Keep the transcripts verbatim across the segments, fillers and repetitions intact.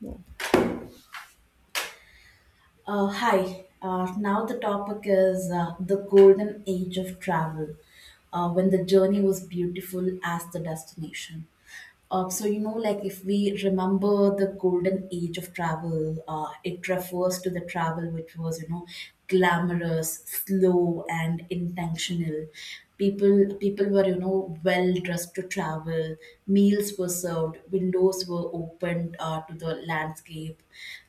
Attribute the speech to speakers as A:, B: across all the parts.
A: No.
B: Uh, hi. Uh, now the topic is uh, the golden age of travel, uh, when the journey was beautiful as the destination. Uh, so you know, like if we remember the golden age of travel, uh, it refers to the travel which was, you know, glamorous, slow, and intentional. People people were, you know, well dressed to travel. Meals were served, windows were opened uh, to the landscape.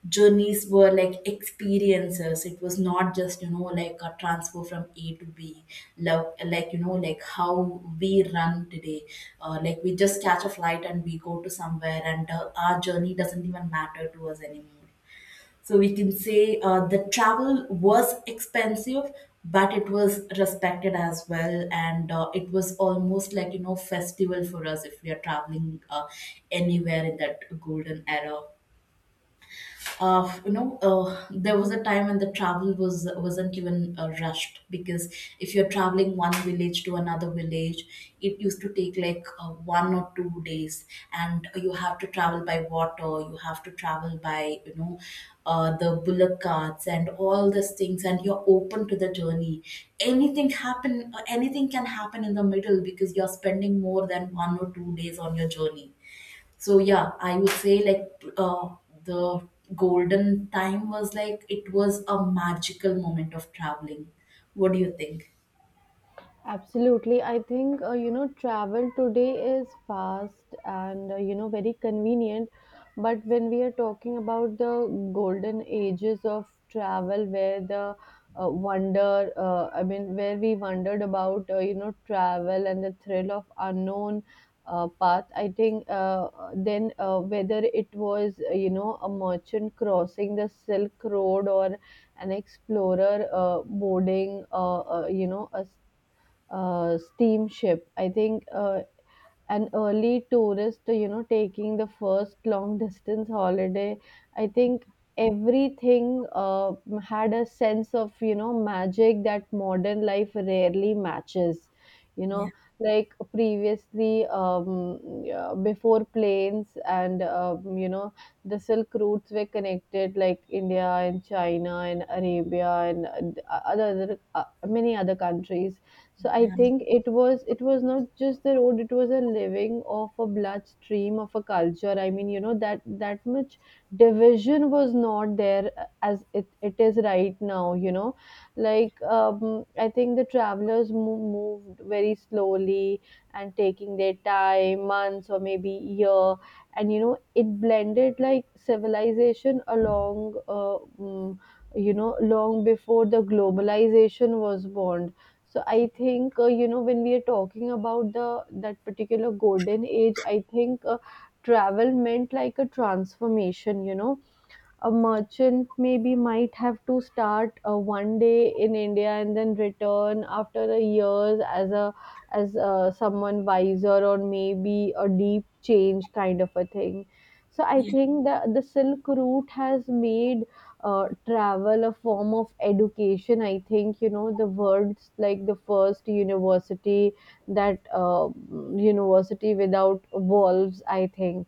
B: Journeys were like experiences. It was not just, you know, like a transfer from A to B. like, like, you know, like how we run today. Uh, like we just catch a flight and we go to somewhere, and uh, our journey doesn't even matter to us anymore. So we can say uh, the travel was expensive, but it was respected as well, and uh, it was almost like, you know, festival for us if we are traveling uh, anywhere in that golden era. Uh, you know, uh, there was a time when the travel was wasn't even uh, rushed, because if you're traveling one village to another village, it used to take like uh, one or two days, and you have to travel by water, you have to travel by, you know, uh, the bullock carts and all these things, and you're open to the journey. Anything happen, uh, anything can happen in the middle because you're spending more than one or two days on your journey. So yeah, I would say like uh, the golden time was like it was a magical moment of traveling. What do you think?
A: Absolutely. I think, uh, you know, travel today is fast and, uh, you know, very convenient. But when we are talking about the golden ages of travel, where the uh, wonder, uh, I mean, where we wondered about, uh, you know, travel and the thrill of unknown uh, path, I think uh, then uh, whether it was, uh, you know, a merchant crossing the Silk Road or an explorer uh, boarding, uh, uh, you know, a uh, steamship. I think uh, an early tourist, you know, taking the first long distance holiday. I think everything uh, had a sense of, you know, magic that modern life rarely matches. You
B: Yeah,
A: know, like previously, um, yeah, before planes and, um, you know, the Silk routes were connected, like India and China and Arabia and uh, other, other uh, many other countries. So I
B: yeah,
A: think it was it was not just the road. It was a living of a bloodstream of a culture. I mean, you know that that much division was not there, uh, as it, it is right now, you know. Like, um, I think the travelers mo- moved very slowly, and taking their time months or maybe year. And you know, it blended like civilization along, uh, mm, you know, long before the globalization was born. So I think uh, you know when we are talking about the that particular golden age, I think uh, travel meant like a transformation. You know, a merchant maybe might have to start uh, one day in India and then return after a years as a as uh, someone wiser or maybe a deep change kind of a thing. So I
B: yeah.
A: think that the Silk Route has made uh, travel a form of education. I think you know the words like the first university, that uh, mm, university without walls. I think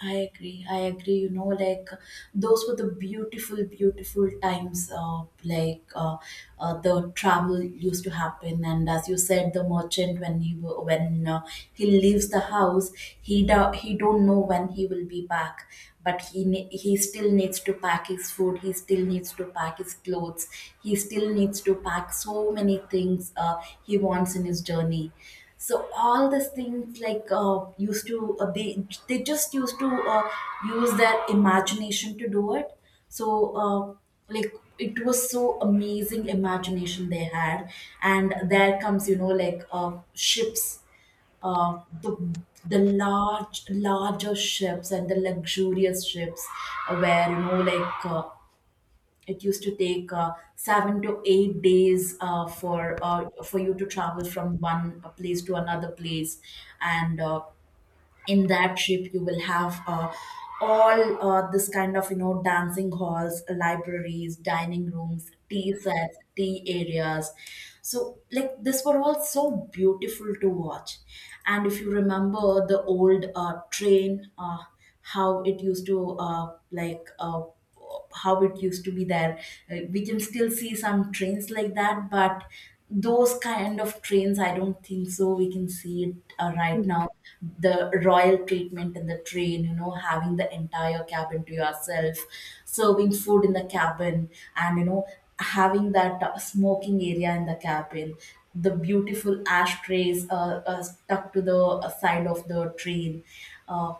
B: I agree. I agree. You know, like those were the beautiful, beautiful times. Uh, like uh, uh, the travel used to happen, and as you said, the merchant, when he wa- when uh, he leaves the house, he do, he don't know when he will be back, but he ne- he still needs to pack his food. He still needs to pack his clothes. He still needs to pack so many things uh, he wants in his journey. So all these things like uh, used to uh, they they just used to uh, use their imagination to do it. So uh, like it was so amazing imagination they had. And there comes, you know, like uh, ships, uh, the the large larger ships and the luxurious ships, uh, where, you know, like uh, it used to take uh, seven to eight days uh, for uh, for you to travel from one uh, place to another place, and uh, in that trip you will have uh, all uh, this kind of, you know, dancing halls, libraries, dining rooms, tea sets, tea areas. So like this were all so beautiful to watch, and if you remember the old uh, train, uh, how it used to uh, like. Uh, how it used to be there. Uh, we can still see some trains like that, but those kind of trains, I don't think so. We can see it uh, right now. The royal treatment in the train, you know, having the entire cabin to yourself, serving food in the cabin, and you know, having that uh, smoking area in the cabin. The beautiful ashtrays uh, uh, stuck to the uh, side of the train. Uh,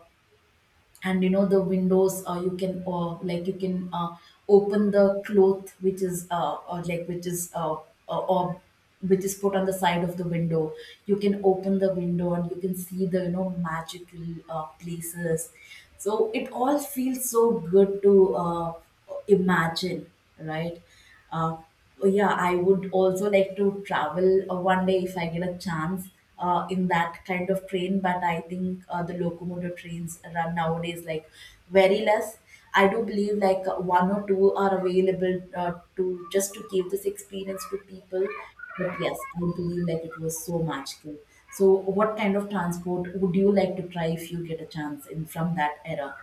B: and you know the windows, uh, you can uh, like you can uh, open the cloth which is uh, or like which is uh, uh, or which is put on the side of the window. You can open the window and you can see the, you know, magical uh, places. So it all feels so good to uh, imagine, right? uh, oh yeah, I would also like to travel uh, one day if I get a chance uh, in that kind of train. But I think uh, the locomotive trains run nowadays like very less. I do believe like uh, one or two are available uh, to just to give this experience to people. But yes, I believe like it was so magical. So, what kind of transport would you like to try if you get a chance in from that era?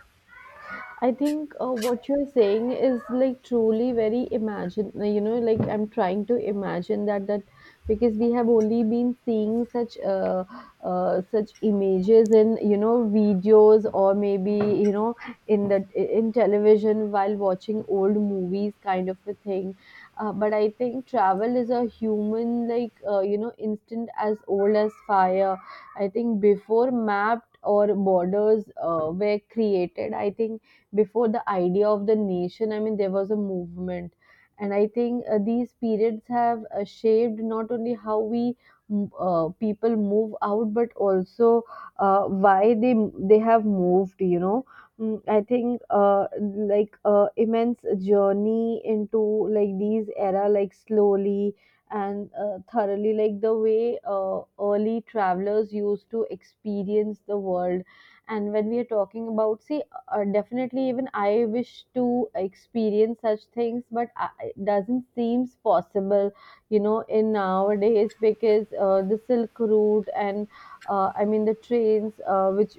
A: I think uh, what you're saying is like truly very imagine, uh, you know, like I'm trying to imagine that that because we have only been seeing such uh, uh such images in you know videos, or maybe you know in the in television, while watching old movies kind of a thing. Uh, but I think travel is a human, like, uh, you know instant as old as fire. I think before mapped or borders uh, were created. I think before the idea of the nation, I mean, there was a movement. And I think uh, these periods have uh, shaped not only how we mm, uh, people move out, but also uh, why they they have moved, you know. Mm, I think uh, like uh, immense journey into like these era, like slowly and uh, thoroughly, like the way uh, early travelers used to experience the world. And when we are talking about see, uh, definitely even I wish to experience such things, but I, it doesn't seems possible, you know, in nowadays, because uh, the silk route and uh, I mean the trains, uh, which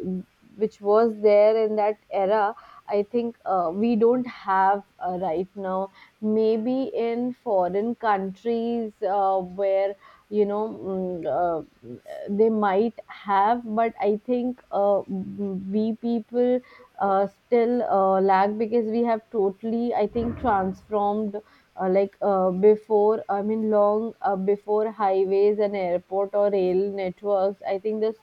A: which was there in that era. I think uh, we don't have uh, right now. Maybe in foreign countries uh, where, you know, mm, uh, they might have, but I think uh, we people uh, still uh, lag, because we have totally, I think, transformed uh, like uh, before, I mean, long uh, before highways and airport or rail networks. I think this,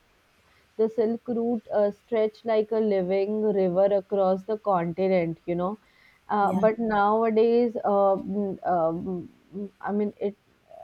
A: the Silk Route uh, stretched like a living river across the continent, you know. Uh,
B: Yeah,
A: but nowadays, uh, mm, um, mm, mm, I mean, it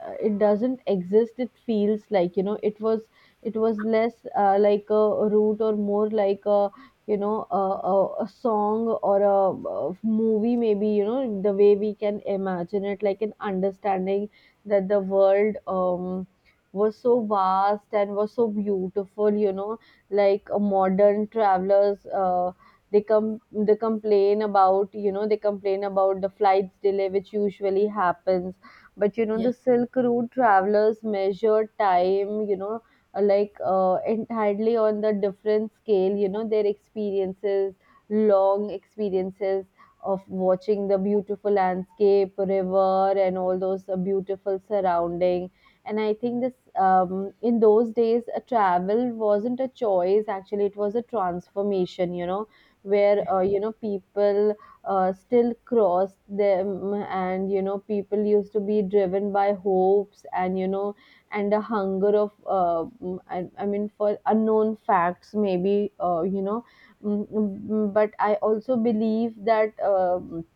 A: uh, it doesn't exist. It feels like, you know, it was it was less, uh, like a route, or more like a, you know a, a, a song, or a, a movie, maybe, you know, the way we can imagine it, like an understanding that the world um was so vast and was so beautiful, you know. Like uh, modern travelers, uh, they come they complain about, you know they complain about the flights delay, which usually happens. But you know,
B: yeah.
A: the silk route travelers measure time, you know, uh, like uh, entirely on the different scale. You know, their experiences, long experiences of watching the beautiful landscape river and all those uh, beautiful surrounding. And I think this, um, in those days a travel wasn't a choice. Actually, it was a transformation, you know, where uh, you know, people uh, still crossed them. And you know, people used to be driven by hopes, and you know, and a hunger of uh, mm, I, I mean for unknown facts, maybe, uh, you know. Mm, mm, but I also believe that, um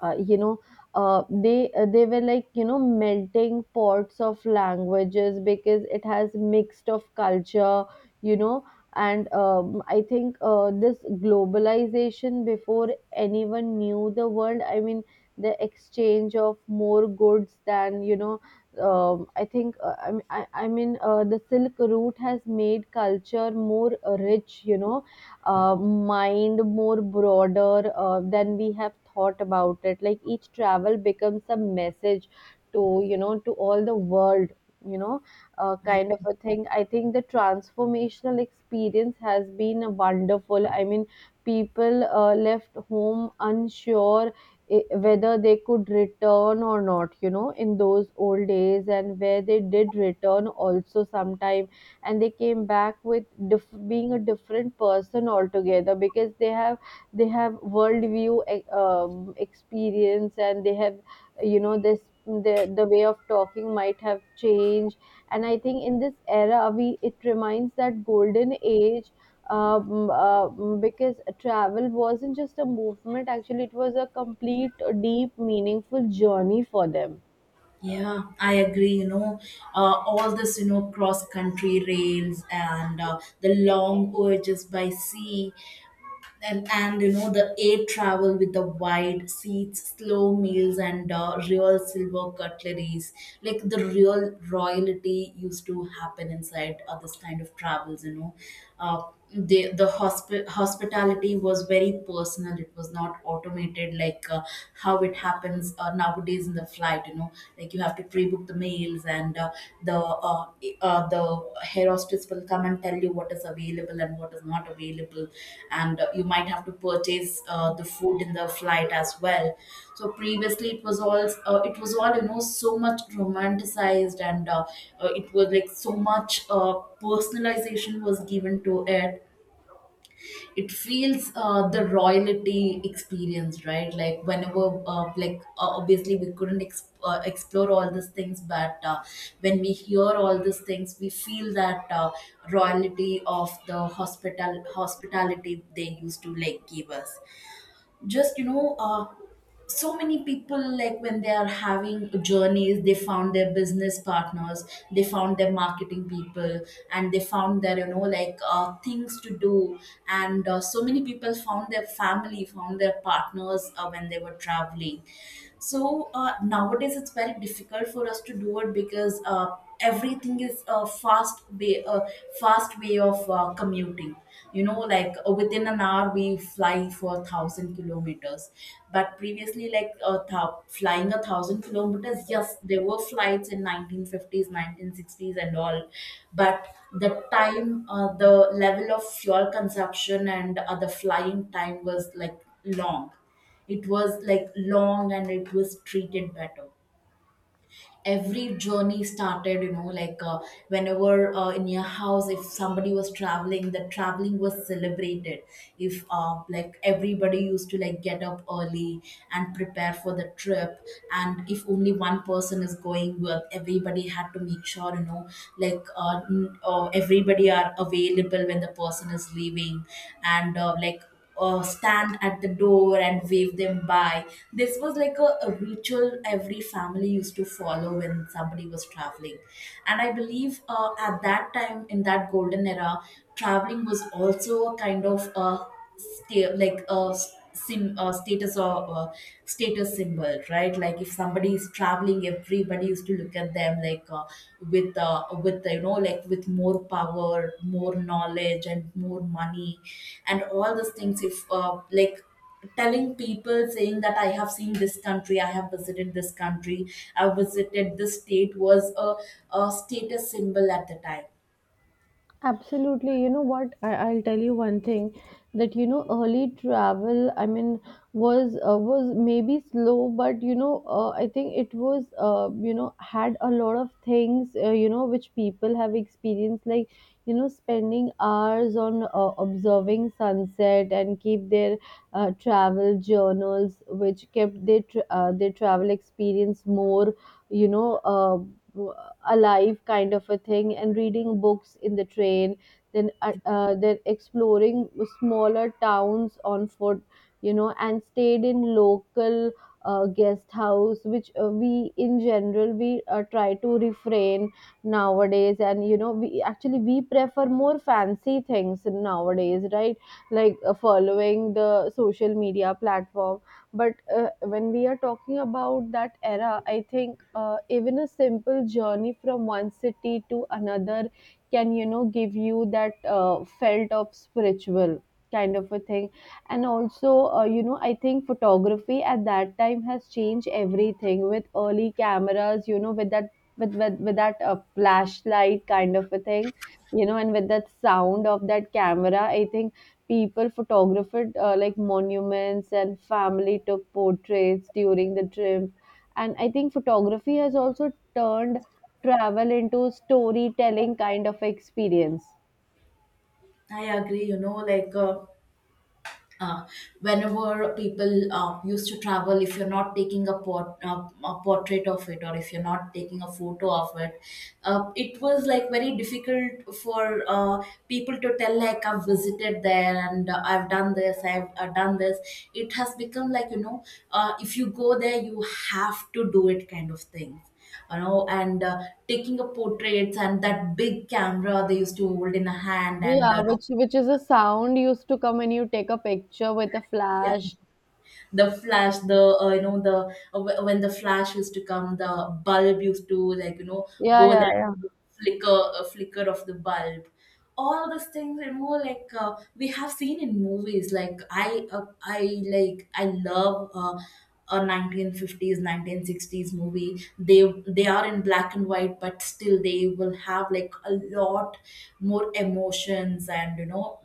A: uh, you know, uh, they uh, they were like, you know, melting pots of languages, because it has mixed of culture, you know. And um, I think uh, this globalization before anyone knew the world, I mean, the exchange of more goods than, you know, um, I think uh, i I, I mean uh, the silk route has made culture more uh, rich, you know, uh, mind more broader uh, than we have thought about it. Like each travel becomes a message to, you know to all the world, you know, uh,
B: I
A: kind of a thing. I think the transformational experience has been a wonderful, I mean, people uh, left home unsure, i- whether they could return or not, you know, in those old days. And where they did return also sometime, and they came back with, diff- being a different person altogether, because they have they have worldview, e- um, experience, and they have, you know, this, the, the way of talking might have changed. And I think in this era, we it reminds that golden age, um, um, because travel wasn't just a movement. Actually, it was a complete, deep, meaningful journey for them.
B: Yeah, I agree. You know, uh, all this, you know, cross country rails and uh, the long voyages by sea, and, and, you know, the air travel with the wide seats, slow meals, and uh, real silver cutleries. Like the real royalty used to happen inside uh, this kind of travels, you know. Uh, the the hospi- hospitality was very personal. It was not automated like uh, how it happens uh, nowadays in the flight, you know, like you like you have to pre-book the meals and uh, the uh, uh, the hair hostess will come and tell you what is available and what is not available, and uh, you might have to purchase uh, the food in the flight as well. So previously it was all uh, it was all, you know, so much romanticized, and uh, uh, it was like so much uh, personalization was given to it. It feels uh, the royalty experience, right? Like whenever uh, like uh, obviously we couldn't ex- uh, explore all these things, but uh, when we hear all these things we feel that uh, royalty of the hospital hospitality they used to like give us, just, you know, uh, so many people, like, when they are having journeys, they found their business partners, they found their marketing people, and they found their, you know, like uh, things to do. And uh, so many people found their family, found their partners uh, when they were traveling. So uh, nowadays it's very difficult for us to do it because uh, everything is a fast way a fast way of uh, commuting. You know, like uh, within an hour we fly for thousand kilometers. But previously, like uh, thou- flying a thousand kilometers, yes, there were flights in nineteen fifties nineteen sixties and all, but the time uh, the level of fuel consumption, and uh, the flying time was like long. It was like long, and it was treated better. Every journey started, you know, like uh, whenever uh, in your house if somebody was traveling, the traveling was celebrated. If uh, like everybody used to like get up early and prepare for the trip, and if only one person is going with, everybody had to make sure, you know, like uh, n- uh, everybody are available when the person is leaving, and uh, like uh, stand at the door and wave them by. This was like a, a ritual every family used to follow when somebody was traveling. And I believe uh, at that time, in that golden era, traveling was also a kind of a sta- like a sim uh, status or uh, status symbol, right? Like if somebody is traveling, everybody used to look at them like uh, with uh, with, you know, like with more power, more knowledge, and more money and all those things, if uh, like telling people saying that I have seen this country, I have visited this country, I visited this state, was a, a status symbol at the time.
A: Absolutely. You know what? I, I'll tell you one thing, that you know early travel, I mean, was uh, was maybe slow. But you know, uh, I think it was uh, you know had a lot of things, uh, you know which people have experienced, like, you know, spending hours on uh, observing sunset, and keep their uh, travel journals, which kept their tra- uh, their travel experience more, you know. Uh, alive kind of a thing, and reading books in the train, then uh, uh, then exploring smaller towns on foot, you know, and stayed in local uh, guest house, which uh, we in general we uh, try to refrain nowadays. And you know, we actually we prefer more fancy things nowadays, right? Like uh, following the social media platform. But uh, when we are talking about that era, I think uh, even a simple journey from one city to another can, you know, give you that uh, felt of spiritual kind of a thing. And also, uh, you know, I think photography at that time has changed everything with early cameras, you know, with that. With, with, with that uh, flashlight kind of a thing, you know, and with that sound of that camera, I think people photographed uh, like monuments, and family took portraits during the trip. And I think photography has also turned travel into storytelling kind of experience.
B: I agree. You know, like uh, uh, whenever people uh, used to travel, if you're not taking a, port, uh, a portrait of it, or if you're not taking a photo of it, uh, it was like very difficult for uh, people to tell like I've visited there, and uh, I've done this, I've uh, done this. It has become like, you know, uh, if you go there, you have to do it kind of thing. You know, and uh, taking a portraits and that big camera they used to hold in a hand
A: Yeah,
B: and uh,
A: which which is a sound used to come when you take a picture with a
B: yeah,
A: flash.
B: the flash, the uh, you know the uh, wh- when the flash used to come the bulb used to, like, you know,
A: Yeah,
B: go
A: yeah,
B: that
A: yeah.
B: flicker, uh, flicker of the bulb. All these things. And more like, uh, we have seen in movies, like i uh, i like i love uh, a nineteen fifties nineteen sixties movie. they they are in black and white but still they will have like a lot more emotions, and you know,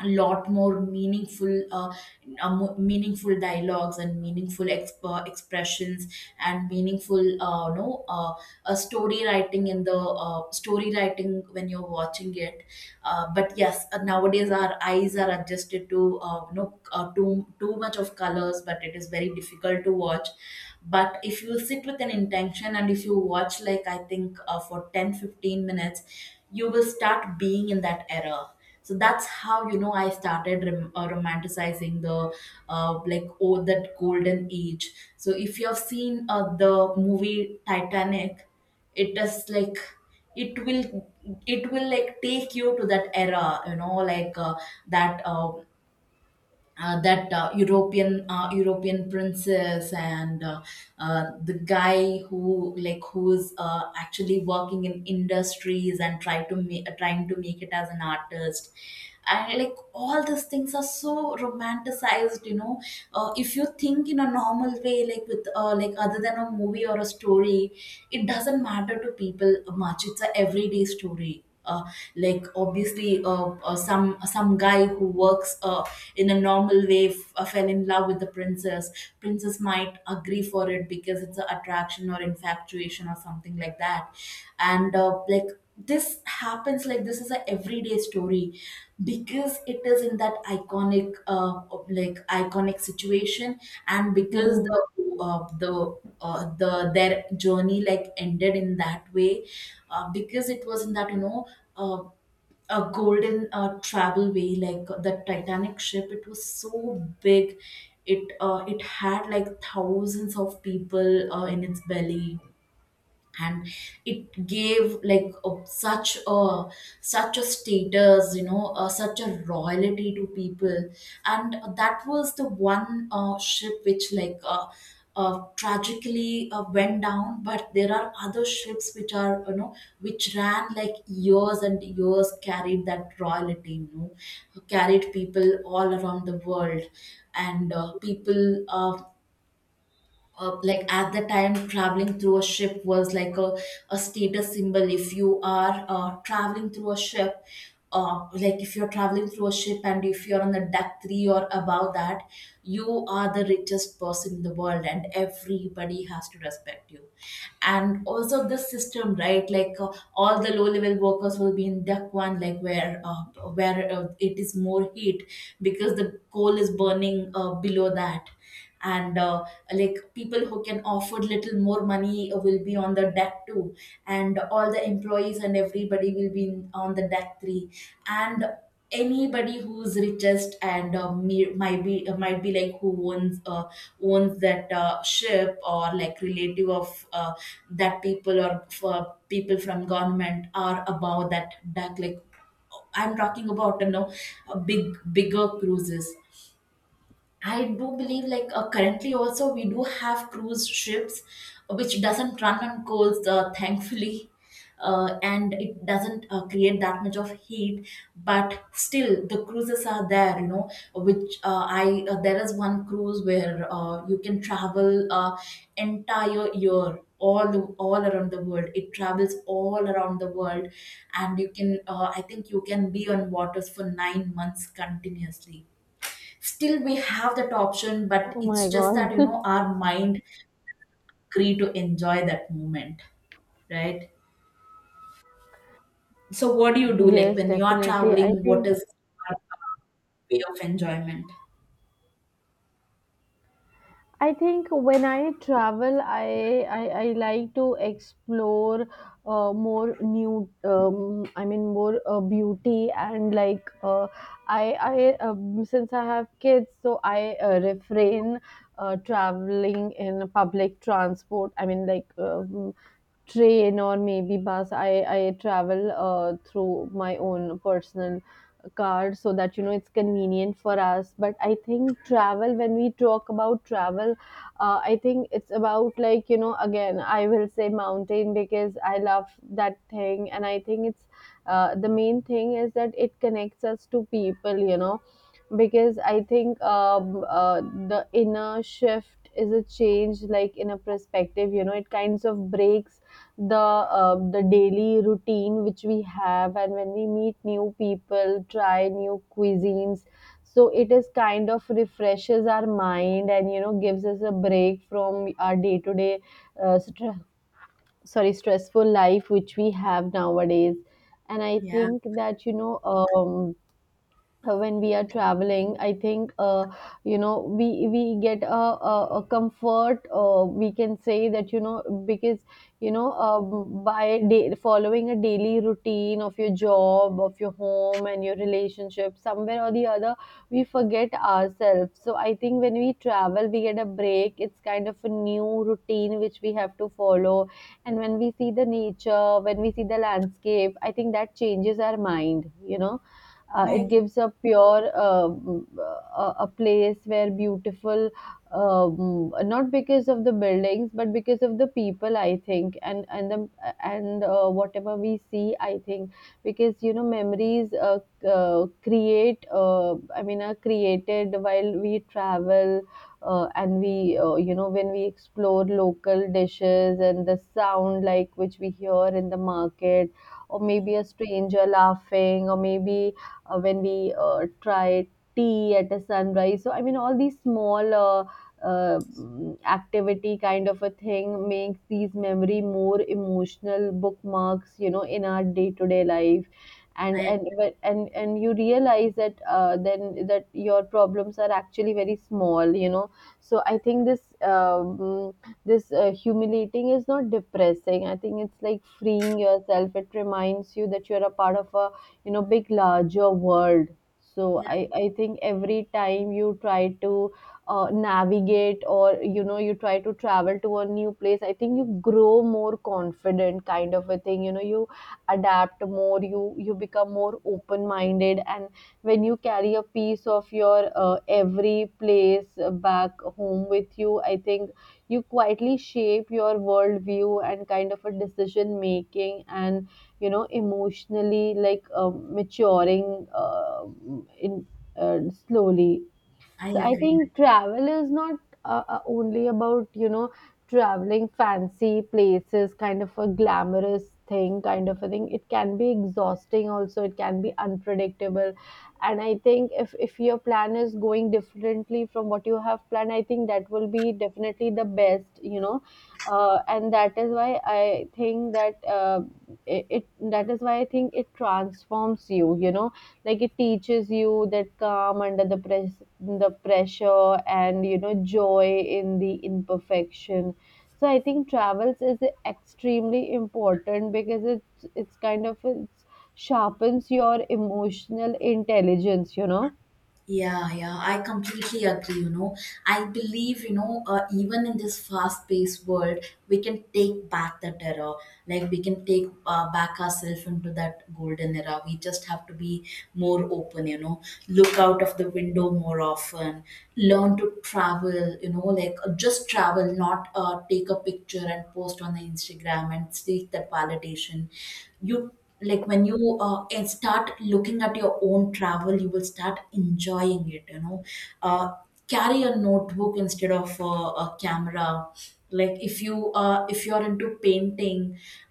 B: a lot more meaningful uh, uh, mo- meaningful dialogues and meaningful exp- uh, expressions and meaningful uh, no uh, uh, story writing in the uh, story writing when you're watching it. Uh, but yes, uh, nowadays our eyes are adjusted to, uh, you know, uh, too too much of colors, but it is very difficult to watch. But if you sit with an intention and if you watch, like I think uh, for ten fifteen minutes, you will start being in that era. So that's how, you know, I started rom- uh, romanticizing the, uh, like, oh, that golden age. So if you have seen uh, the movie Titanic, it is like it will, it will like take you to that era, you know, like uh, that uh, uh, that uh, European, uh, European princess, and uh, uh, the guy who like who's uh, actually working in industries and try to make trying to make it as an artist. And like all these things are so romanticized, you know. Uh, if you think in a normal way, like with, uh, like other than a movie or a story, it doesn't matter to people much. It's a everyday story. Uh, like obviously uh, uh, some some guy who works uh, in a normal way f- uh, fell in love with the princess. Princess might agree for it because it's an attraction or infatuation or something like that. And uh, like, this happens. Like, this is a everyday story, because it is in that iconic, uh, like iconic situation. And because
A: Hmm.
B: the uh, the, uh, the, their journey like ended in that way, uh, because it was in that, you know, uh, a golden uh, travel way. Like the Titanic ship, it was so big. It uh, it had like thousands of people uh, in its belly. And it gave like a, such a, such a status, you know, uh, such a royalty to people. And that was the one uh, ship which like, uh, uh, tragically uh, went down. But there are other ships which, are, you know, which ran like years and years, carried that royalty, you know, carried people all around the world. And uh, people uh, uh, like, at the time, traveling through a ship was like a, a status symbol. If you are uh, traveling through a ship, uh, like if you're traveling through a ship and if you're on the deck three or above that, you are the richest person in the world and everybody has to respect you. And also the system, right? Like, uh, all the low level workers will be in deck one, like where uh, where uh, it is more heat because the coal is burning uh, below that. And uh, like, people who can afford little more money will be on the deck two. And all the employees and everybody will be in, on the deck three. And anybody who's richest and uh, me, might be uh, might be like who owns, uh, owns that uh, ship, or like relative of uh, that people, or for people from government, are above that deck. Like, I'm talking about, you know, big bigger cruises. I do believe like, uh, currently also we do have cruise ships, uh, which doesn't run on coals, uh, thankfully. Uh, and it doesn't uh, create that much of heat. But still the cruises are there, you know, which, uh, I uh, there is one cruise where, uh, you can travel uh, entire year, all all around the world. It travels all around the world. And you can, uh, I think you can be on waters for nine months continuously. Still we have that option. But
A: Oh my
B: it's just
A: god.
B: that, you know, our mind agree to enjoy that moment, right? So what do you do, like
A: Yes,
B: when you are
A: definitely, I
B: traveling, what
A: think.
B: is your uh, way of enjoyment?
A: I think when I travel, I I, I like to explore uh, more new. Um, I mean, more uh, beauty, and like, uh, I I um, since I have kids, so I uh, refrain uh, traveling in public transport. I mean, like, um, train or maybe bus. I I travel uh, through my own personal car, so that you know it's convenient for us. But I think travel, when we talk about travel, uh, I think it's about, like, you know, again, I will say mountain because I love that thing. And I think it's uh, the main thing is that it connects us to people, you know, because I think um, uh, the inner shift is a change, like, in a perspective, you know. It kinds of breaks the uh, the daily routine which we have, and when we meet new people, try new cuisines, so it is kind of refreshes our mind and, you know, gives us a break from our day to day stre- sorry, stressful life which we have nowadays. And I
B: Yeah.
A: think that, you know, um, uh, when we are traveling, I think, uh, you know, we we get a, a, a comfort, uh, we can say that, you know. Because, you know uh, by day, following a daily routine of your job, of your home and your relationship, somewhere or the other we forget ourselves. So I think when we travel, we get a break. It's kind of a new routine which we have to follow, and when we see the nature, when we see the landscape, I think that changes our mind, you know. Uh,
B: I
A: it
B: agree.
A: gives a pure uh, mm, uh, a place where beautiful, um, not because of the buildings, but because of the people, I think. And and the and uh, whatever we see, I think, because, you know, memories uh, uh, create, uh, I mean, are created while we travel. Uh, and we uh, you know, when we explore local dishes and the sound, like, which we hear in the market, or maybe a stranger laughing, or maybe uh, when we uh, try tea at a sunrise. So I mean, all these small uh, uh, mm, activity kind of a thing makes these memory more emotional bookmarks, you know, in our day to day life. And
B: i
A: and even- and and you realize that, uh, then, that your problems are actually very small, you know. So I think this um, this uh, humiliating is not depressing. I think it's like freeing yourself. It reminds you that you're a part of a, you know, big larger world. So
B: yeah,
A: i i think every time you try to uh, navigate, or you know, you try to travel to a new place, I think you grow more confident, kind of a thing, you know. You adapt more, you you become more open minded, and when you carry a piece of your uh, every place back home with you, I think you quietly shape your worldview and kind of a decision making and, you know, emotionally, like, um, maturing uh, in uh, slowly. So
B: i
A: I
B: agree
A: think travel is not uh, uh, only about, you know, traveling fancy places, kind of a glamorous thing, kind of a thing. It can be exhausting also, it can be unpredictable. And I think if if your plan is going differently from what you have planned, I think that will be definitely the best, you know. Uh, and that is why I think that, uh, it, it that is why I think it transforms you, you know. Like, it teaches you that calm under the press the pressure, and you know, joy in the imperfection. So I think travels is extremely important because it's it's kind of, it's sharpens your emotional intelligence, you know.
B: Yeah, yeah, I completely agree. You know, I believe, you know, uh, even in this fast paced world, we can take back the era. Like, we can take uh, back ourselves into that golden era. We just have to be more open, you know, look out of the window more often, learn to travel, you know, like, uh, just travel, not uh, take a picture and post on the Instagram and seek that validation. You, like when you, uh, and start looking at your own travel, you will start enjoying it, you know. uh, Carry a notebook instead of uh, a camera. Like if you, uh, if you're into painting.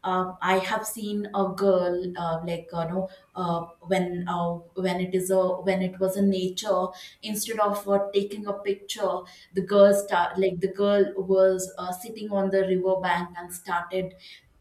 B: Um, I have seen a girl, uh, like you know, uh, when uh, when it is a when it was a nature, instead of uh, taking a picture, the girl start like the girl was uh, sitting on the river bank and started,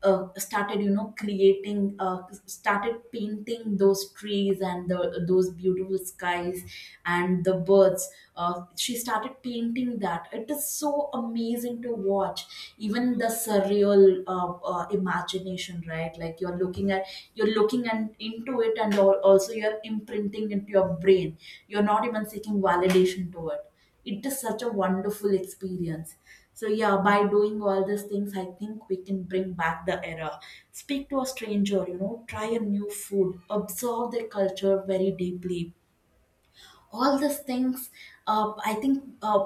B: uh, started you know creating, uh, started painting those trees and the, those beautiful skies and the birds. Uh, she started painting that. It is so amazing to watch. Even the surreal, uh, uh, imagination, right? Like you're looking at, you're looking and into it, and al- also you're imprinting into your brain. You're not even seeking validation to it. It is such a wonderful experience. So yeah, by doing all these things, I think we can bring back the era. Speak to a stranger, you know, try a new food, observe their culture very deeply. All these things. uh, i think uh,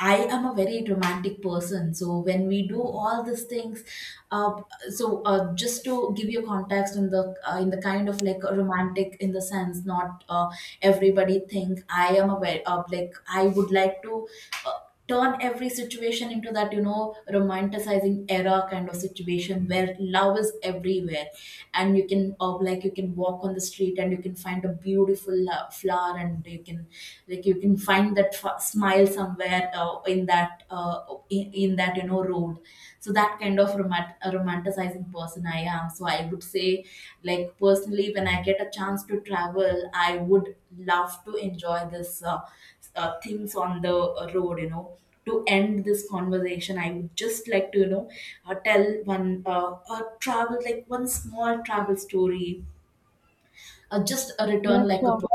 B: I am a very romantic person, so when we do all these things, uh, so uh, just to give you context, in the, uh, in the kind of like a romantic in the sense, not uh, everybody think I am a very, uh, like I would like to uh, turn every situation into that, you know, romanticizing era kind of situation where love is everywhere. And you can, uh, like you can walk on the street and you can find a beautiful lo- flower, and you can, like you can find that f- smile somewhere, uh, in that, uh, in, in that, you know, road. So that kind of romant- a romanticizing person I am. So I would say, like personally, when I get a chance to travel, I would love to enjoy this, uh, uh, things on the road, you know. To end this conversation, I would just like to, you know, uh, tell one, uh, a travel, like one small travel story, uh, just a
A: Yeah,
B: return, like a
A: sure.
B: poem.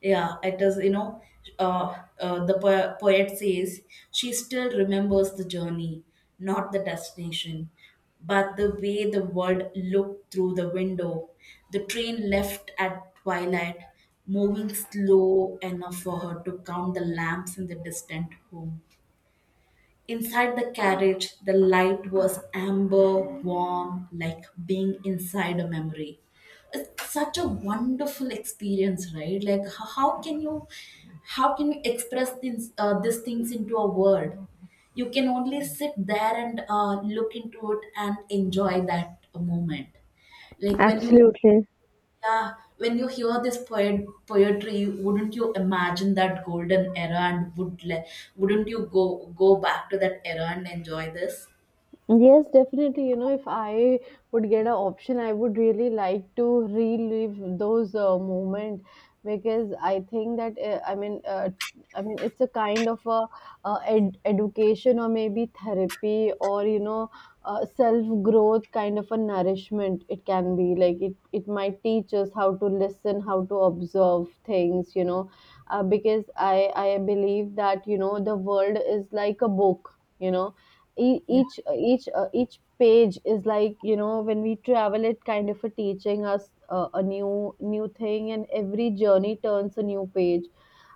B: Yeah, it is, you know, uh, uh, the po- poet says, she still remembers the journey, not the destination, but the way the world looked through the window. The train left at twilight, moving slow enough for her to count the lamps in the distant home. Inside the carriage, the light was amber, warm, like being inside a memory. It's such a wonderful experience, right? Like, h- how can you, how can you express things, uh, these things into a word? You can only sit there and uh, look into it and enjoy that moment. Like when you,
A: Absolutely.
B: yeah, when you hear this poet poetry, wouldn't you imagine that golden era, and would le- wouldn't you go go back to that era and enjoy this?
A: Yes, definitely. You know, if I would get an option, I would really like to relive those uh, moment, because I think that uh, I mean, uh, I mean, it's a kind of a uh, ed- education or maybe therapy, or you know, uh, self growth kind of a nourishment. It can be like it. It might teach us how to listen, how to observe things. You know, uh, because I I believe that, you know, the world is like a book. You know, e-
B: Yeah,
A: each each uh, each page is like, you know, when we travel, it kind of a teaching us uh, a new new thing, and every journey turns a new page.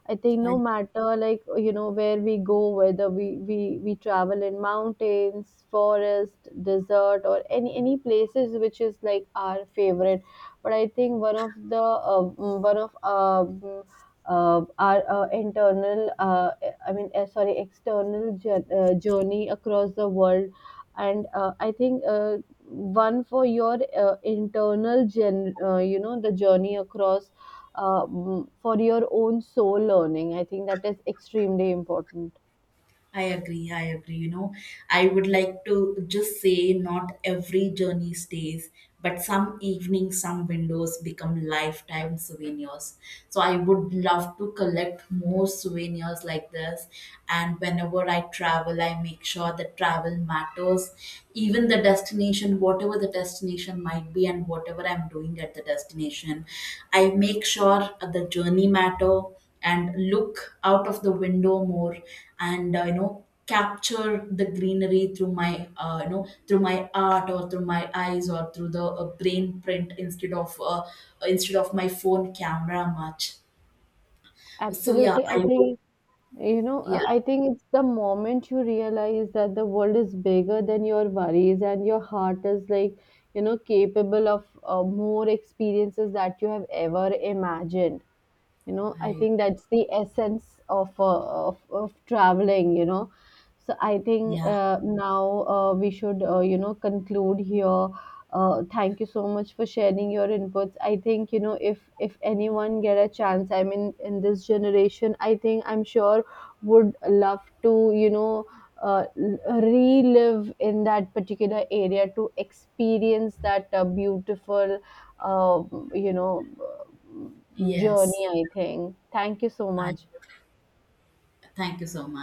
A: I think
B: I
A: no matter, like, you know, where we go, whether we we we travel in mountains, forest, desert, or any any places which is like our favorite. But I think one of the uh, mm, one of uh, mm, uh, our uh, internal, uh, I mean, uh, sorry, external jour- uh, journey across the world, and uh, I think uh, one for your uh, internal, gen- uh, you know, the journey across, um, for your own soul learning. I think that is extremely important.
B: I agree. I agree. You know, I would like to just say, not every journey stays, but some evenings, some windows become lifetime souvenirs. So I would love to collect more souvenirs like this. And whenever I travel, I make sure that travel matters, even the destination, whatever the destination might be, and whatever I'm doing at the destination. I make sure the journey matter and look out of the window more. And uh, you know, capture the greenery through my, uh, you know, through my art or through my eyes or through the, uh, brain print, instead of uh, instead of my phone camera much. So yeah.
A: Absolutely. I
B: I,
A: think, you know,
B: yeah.
A: uh, I think it's the moment you realize that the world is bigger than your worries, and your heart is, like, you know, capable of uh, more experiences that you have ever imagined. You know, I
B: I,
A: think that's the essence of uh, of, of traveling, you know. So I think
B: yeah.
A: uh, now uh, we should, uh, you know, conclude here. Uh, thank you so much for sharing your inputs. I think, you know, if if anyone get a chance, I mean, in this generation, I think I'm sure would love to, you know, uh, l- relive in that particular area to experience that uh, beautiful, uh, you know,
B: Yes.
A: journey, I think. Thank you so
B: I
A: much.
B: thank you so much.